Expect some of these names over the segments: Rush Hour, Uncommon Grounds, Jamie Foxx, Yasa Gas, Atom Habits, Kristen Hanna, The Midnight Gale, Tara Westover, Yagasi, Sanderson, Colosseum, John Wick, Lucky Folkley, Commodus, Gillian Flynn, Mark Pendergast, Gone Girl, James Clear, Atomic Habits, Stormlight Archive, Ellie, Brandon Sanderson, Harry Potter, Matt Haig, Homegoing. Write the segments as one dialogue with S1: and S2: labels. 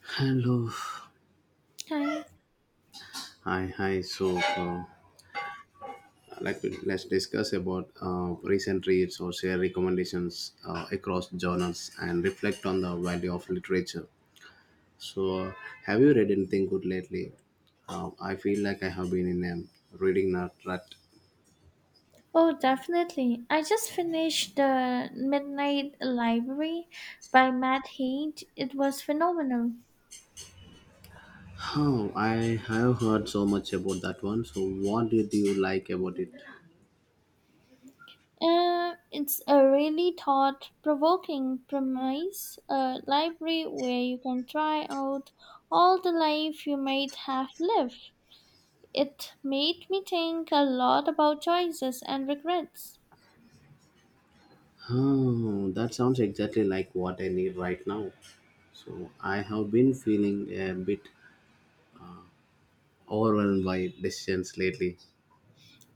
S1: Hello.
S2: Hi.
S1: Hi, hi. Let's discuss about recent reads or share recommendations across genres and reflect on the value of literature. So, uh, have you read anything good lately? I feel like I have been in a reading nut rut.
S2: Oh, definitely. I just finished The Midnight Library by Matt Haig. It was phenomenal.
S1: Oh, I have heard so much about that one. So, what did you like about it?
S2: It's a really thought provoking premise, a library where you can try out all the life you might have lived. It made me think a lot about choices and regrets.
S1: Oh, that sounds exactly like what I need right now. So I have been feeling a bit overwhelmed by decisions lately.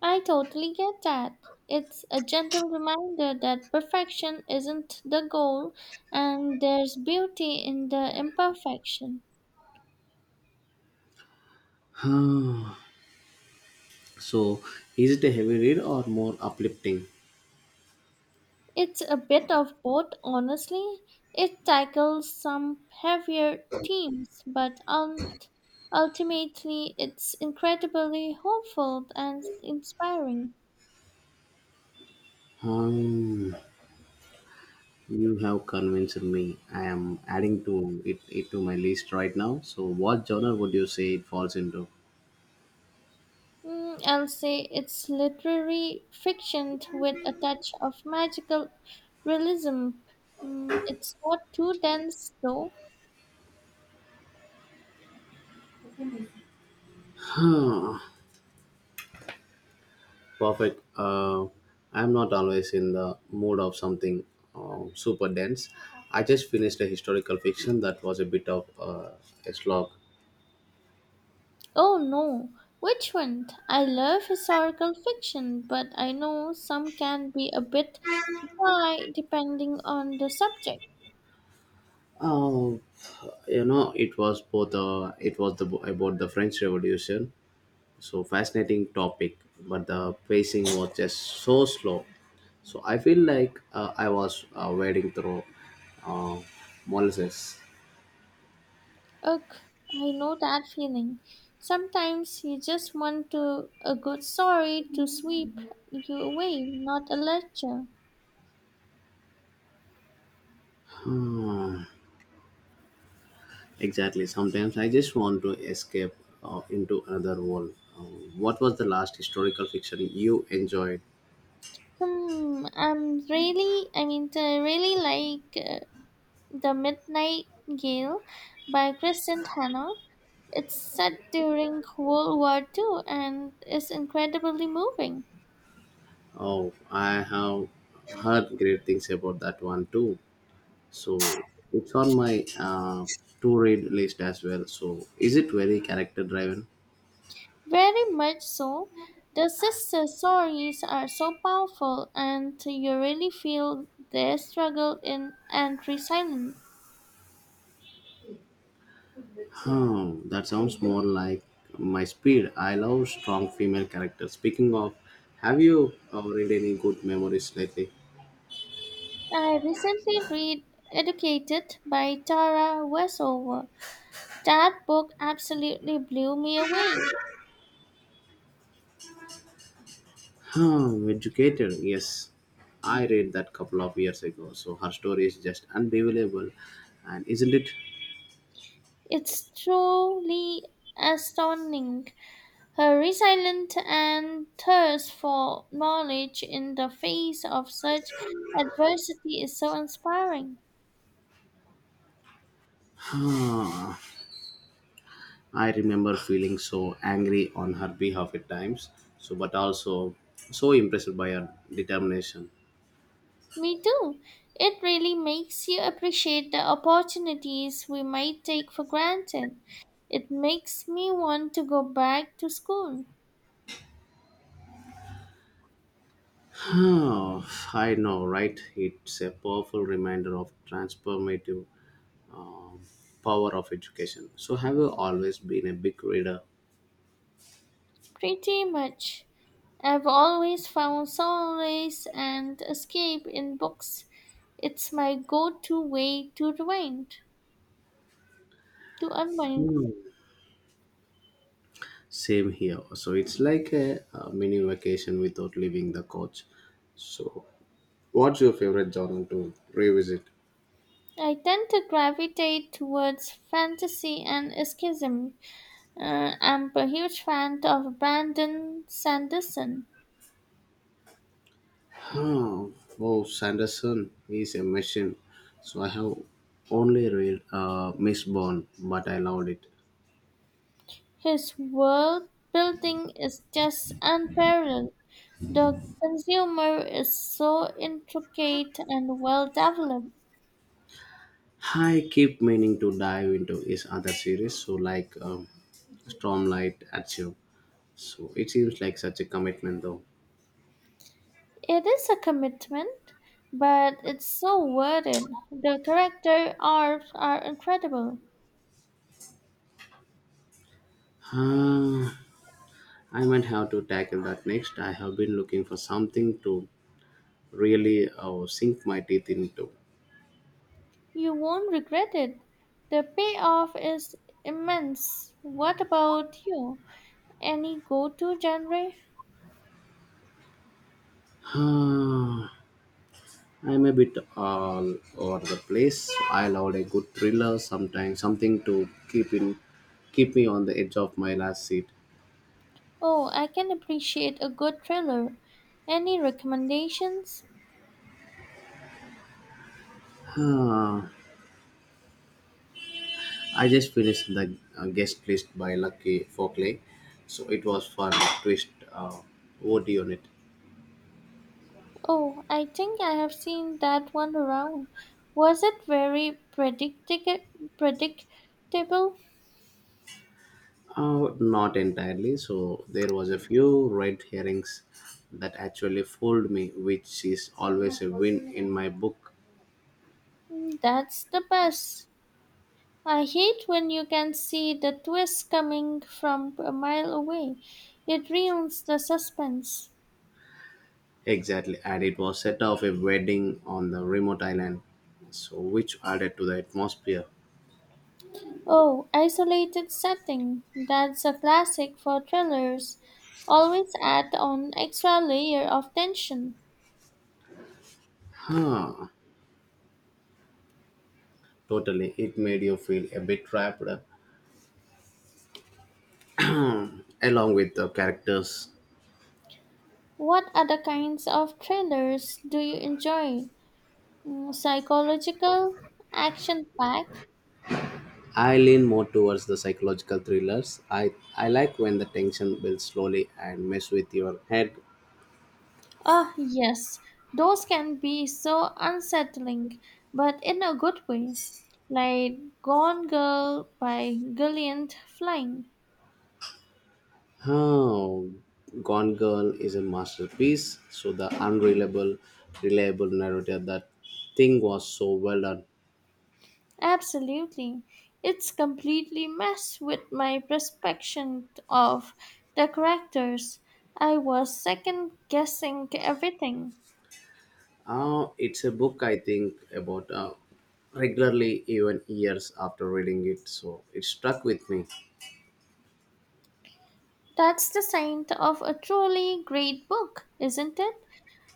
S2: I totally get that. It's a gentle reminder that perfection isn't the goal and there's beauty in the imperfection.
S1: so, is it a heavy read or more uplifting?
S2: It's a bit of both, honestly. It tackles some heavier themes, but ultimately it's incredibly hopeful and inspiring.
S1: Um, you have convinced me. I am adding it to my list right now. So, what genre would you say it falls into?
S2: I'll say it's literary fiction with a touch of magical realism. It's not too dense, though.
S1: Huh. Perfect. I'm not always in the mood of something super dense. I just finished a historical fiction that was a bit of a slog.
S2: Oh no, which one? I love historical fiction, but I know some can be a bit dry depending on the subject.
S1: Uh, you know, it was both. It was the about the French Revolution. So fascinating topic, but the pacing was just so slow. So I feel like I was wading through uh, molasses.
S2: Ugh, I know that feeling. Sometimes you just want to a good story to sweep you away, not a lecture.
S1: Exactly. Sometimes I just want to escape into another world. What was the last historical fiction you enjoyed?
S2: I really like The Midnight Gale by Kristen Hanna. It's set during World War Two and is incredibly moving.
S1: Oh, I have heard great things about that one too. So it's on my to read list as well. So is it very character driven?
S2: Very much so. The sister stories are so powerful, and you really feel their struggle in and resilience.
S1: Oh, that sounds more like my speed. I love strong female characters. Speaking of, have you read any good memories lately?
S2: I recently read Educated by Tara Westover. That book absolutely blew me away.
S1: Oh, educated, yes. I read that couple of years ago. So her story is just unbelievable. And isn't it?
S2: It's truly astounding her resilience and thirst for knowledge in the face of such adversity is so inspiring.
S1: I remember feeling so angry on her behalf at times, so but also so impressed by her determination.
S2: Me too. It really makes you appreciate the opportunities we might take for granted. It makes me want to go back to school.
S1: Oh, I know, right? It's a powerful reminder of transformative power of education. So, have you always been a big reader?
S2: Pretty much. I've always found solace and escape in books. It's my go to way to to unwind.
S1: Hmm. Same here. So, it's like a, mini vacation without leaving the couch. So, what's your favorite journal to revisit?
S2: I tend to gravitate towards fantasy and escapism. I'm a huge fan of Brandon Sanderson.
S1: Oh, oh, Sanderson is a machine. So, I have only read Miss Bond, but I loved it.
S2: His world building is just unparalleled. The consumer is so intricate and well developed.
S1: I keep meaning to dive into his other series, so like Stormlight Archive. So it seems like such a commitment, though.
S2: It is a commitment, but it's so worth it. The character arcs are incredible.
S1: Ah, I might have to tackle that next. I have been looking for something to really sink my teeth into.
S2: You won't regret it. The payoff is immense. What about you? Any go to genre?
S1: Ah, I'm a bit all over the place. I love a good thriller sometimes, something to keep me on the edge of my last seat.
S2: Oh, I can appreciate a good thriller. Any recommendations?
S1: Ah, I just finished the guest list by Lucky Folkley, so it was fun. Twist, what do you need?
S2: Oh, I think I have seen that one around. Was it very predictable?
S1: Not entirely. So there was a few red herrings that actually fooled me, which is always a win in my book.
S2: That's the best. I hate when you can see the twist coming from a mile away. It ruins the suspense.
S1: Exactly, and it was set off a wedding on the remote island, so which added to the atmosphere.
S2: Oh, isolated setting. That's a classic for thrillers. Always add on extra layer of tension.
S1: Ah, totally. It made you feel a bit trapped, along with the characters.
S2: What other kinds of thrillers do you enjoy? Mm. Psychological, action packed,
S1: I lean more towards the psychological thrillers. I like when the tension builds slowly and mess with your head.
S2: ah, yes, those can be so unsettling, but in a good way. Like Gone Girl by Gillian Flynn.
S1: Oh, Gone Girl is a masterpiece. So the reliable narrator, that thing was so well done.
S2: Absolutely. It's completely messed with my perception of the characters. I was second guessing everything.
S1: It's a book I think about regularly, even years after reading it. So it stuck with me.
S2: That's the sign of a truly great book, isn't it?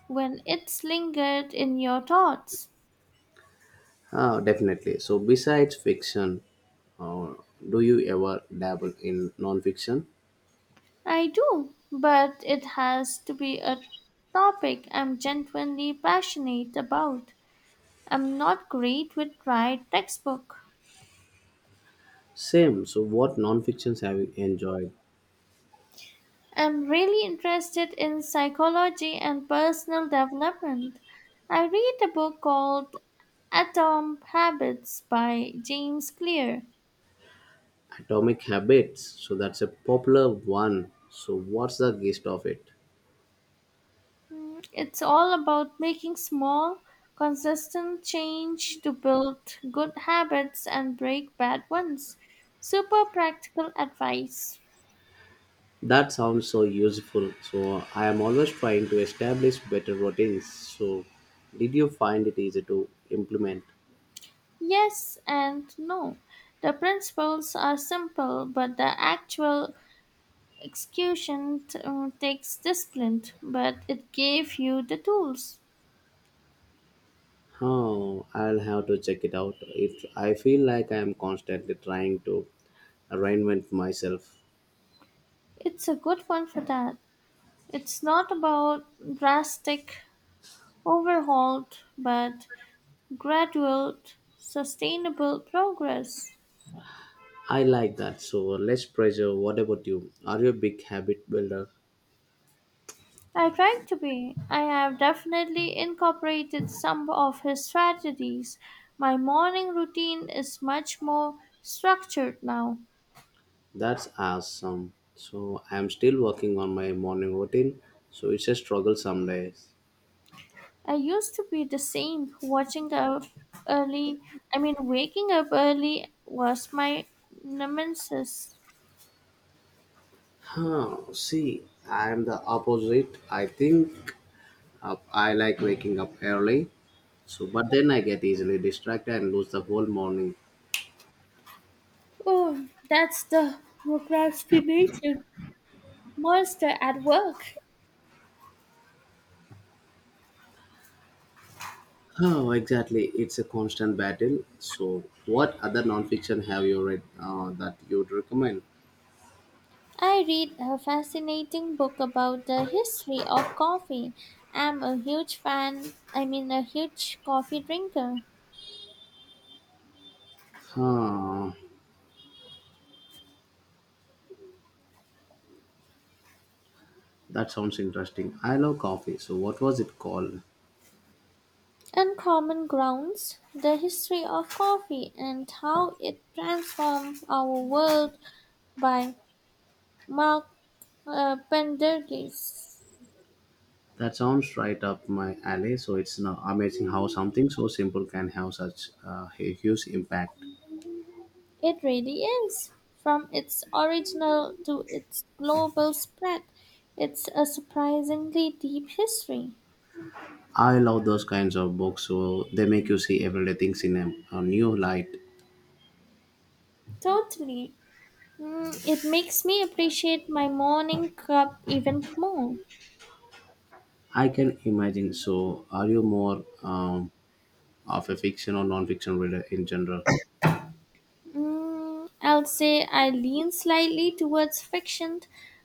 S2: When it's lingered in your thoughts.
S1: Oh, definitely. So besides fiction, uh, do you ever dabble in non-fiction?
S2: I do, but it has to be a topic I'm genuinely passionate about. I'm not great with right textbook.
S1: Same. So, what non-fictions have you enjoyed?
S2: I'm really interested in psychology and personal development. I read a book called Atom Habits by James Clear.
S1: Atomic Habits. So that's a popular one. So, what's the gist of it?
S2: It's all about making small, consistent change to build good habits and break bad ones. Super practical advice.
S1: That sounds so useful. So, I am always trying to establish better routines. So, did you find it easy to implement?
S2: Yes and no. The principles are simple, but the actual execution takes discipline, but it gave you the tools.
S1: Oh, I'll have to check it out. It. I feel like I am constantly trying to reinvent myself.
S2: It's a good one for that. It's not about drastic overhaul, but gradual, sustainable progress.
S1: I like that. So, less pressure. What about you? Are you a big habit builder?
S2: I try to be. I have definitely incorporated some of his strategies. My morning routine is much more structured now.
S1: That's awesome. So I'm still working on my morning routine, so it's a struggle some days.
S2: I used to be the same. Watching up early, I mean, Waking up early was my nemesis.
S1: Huh, see, I'm the opposite. I think I like waking up early, so but then I get easily distracted and lose the whole morning.
S2: Oh, that's the procrastination monster at work.
S1: Oh, exactly. It's a constant battle. So, what other nonfiction have you read that you'd recommend?
S2: I read a fascinating book about the history of coffee. I'm a huge fan, I mean, a huge coffee drinker.
S1: Huh, that sounds interesting. I love coffee. So, what was it called?
S2: Uncommon Grounds, The History of Coffee and How It Transformed Our World by Mark Pendergast.
S1: That sounds right up my alley. So it's no- amazing how something so simple can have such a huge impact.
S2: It really is. From its original to its global spread, it's a surprisingly deep history.
S1: I love those kinds of books, so they make you see everyday things in a new light.
S2: Totally. It makes me appreciate my morning cup even more.
S1: I can imagine. So, are you more of a fiction or non-fiction reader in general?
S2: I'll say I lean slightly towards fiction,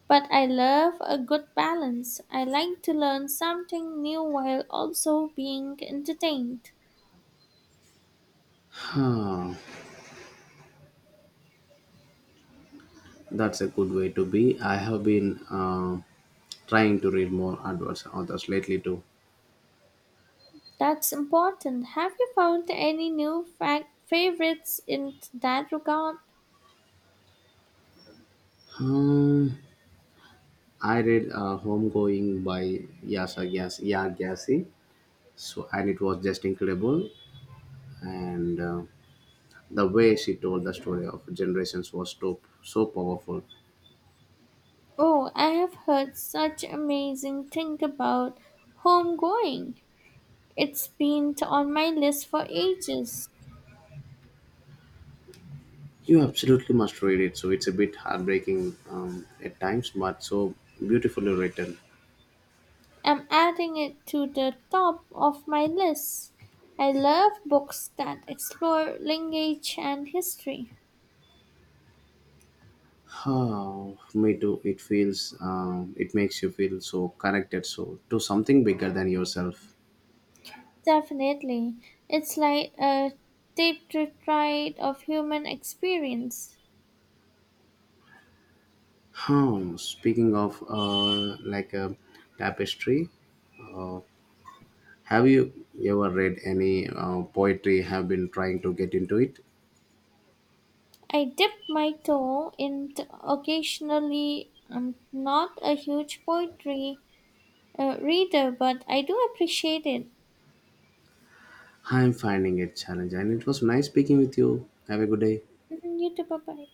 S2: but I love a good balance. I like to learn something new while also being entertained.
S1: Huh, that's a good way to be. I have been trying to read more advanced authors lately too.
S2: That's important. Have you found any new fac favorites in that regard?
S1: Um, I read Homegoing by Yagasi, so and it was just incredible. And the way she told the story of generations was so so powerful.
S2: Oh, I have heard such amazing thing about homegoing. It's been on my list for ages.
S1: You absolutely must read it. So it's a bit heartbreaking at times, but so beautifully written.
S2: I'm adding it to the top of my list. I love books that explore language and history.
S1: Oh, me too. It feels it makes you feel so connected, so to something bigger than yourself.
S2: Definitely. It's like a deep ride of human experience.
S1: Hmm. Speaking of like a tapestry, have you ever read any poetry? Have been trying to get into it?
S2: I dip my toe in occasionally. I'm not a huge poetry reader, but I do appreciate it.
S1: I'm finding it challenging, and it was nice speaking with you. Have a good day.
S2: Mhm. You too, bye bye.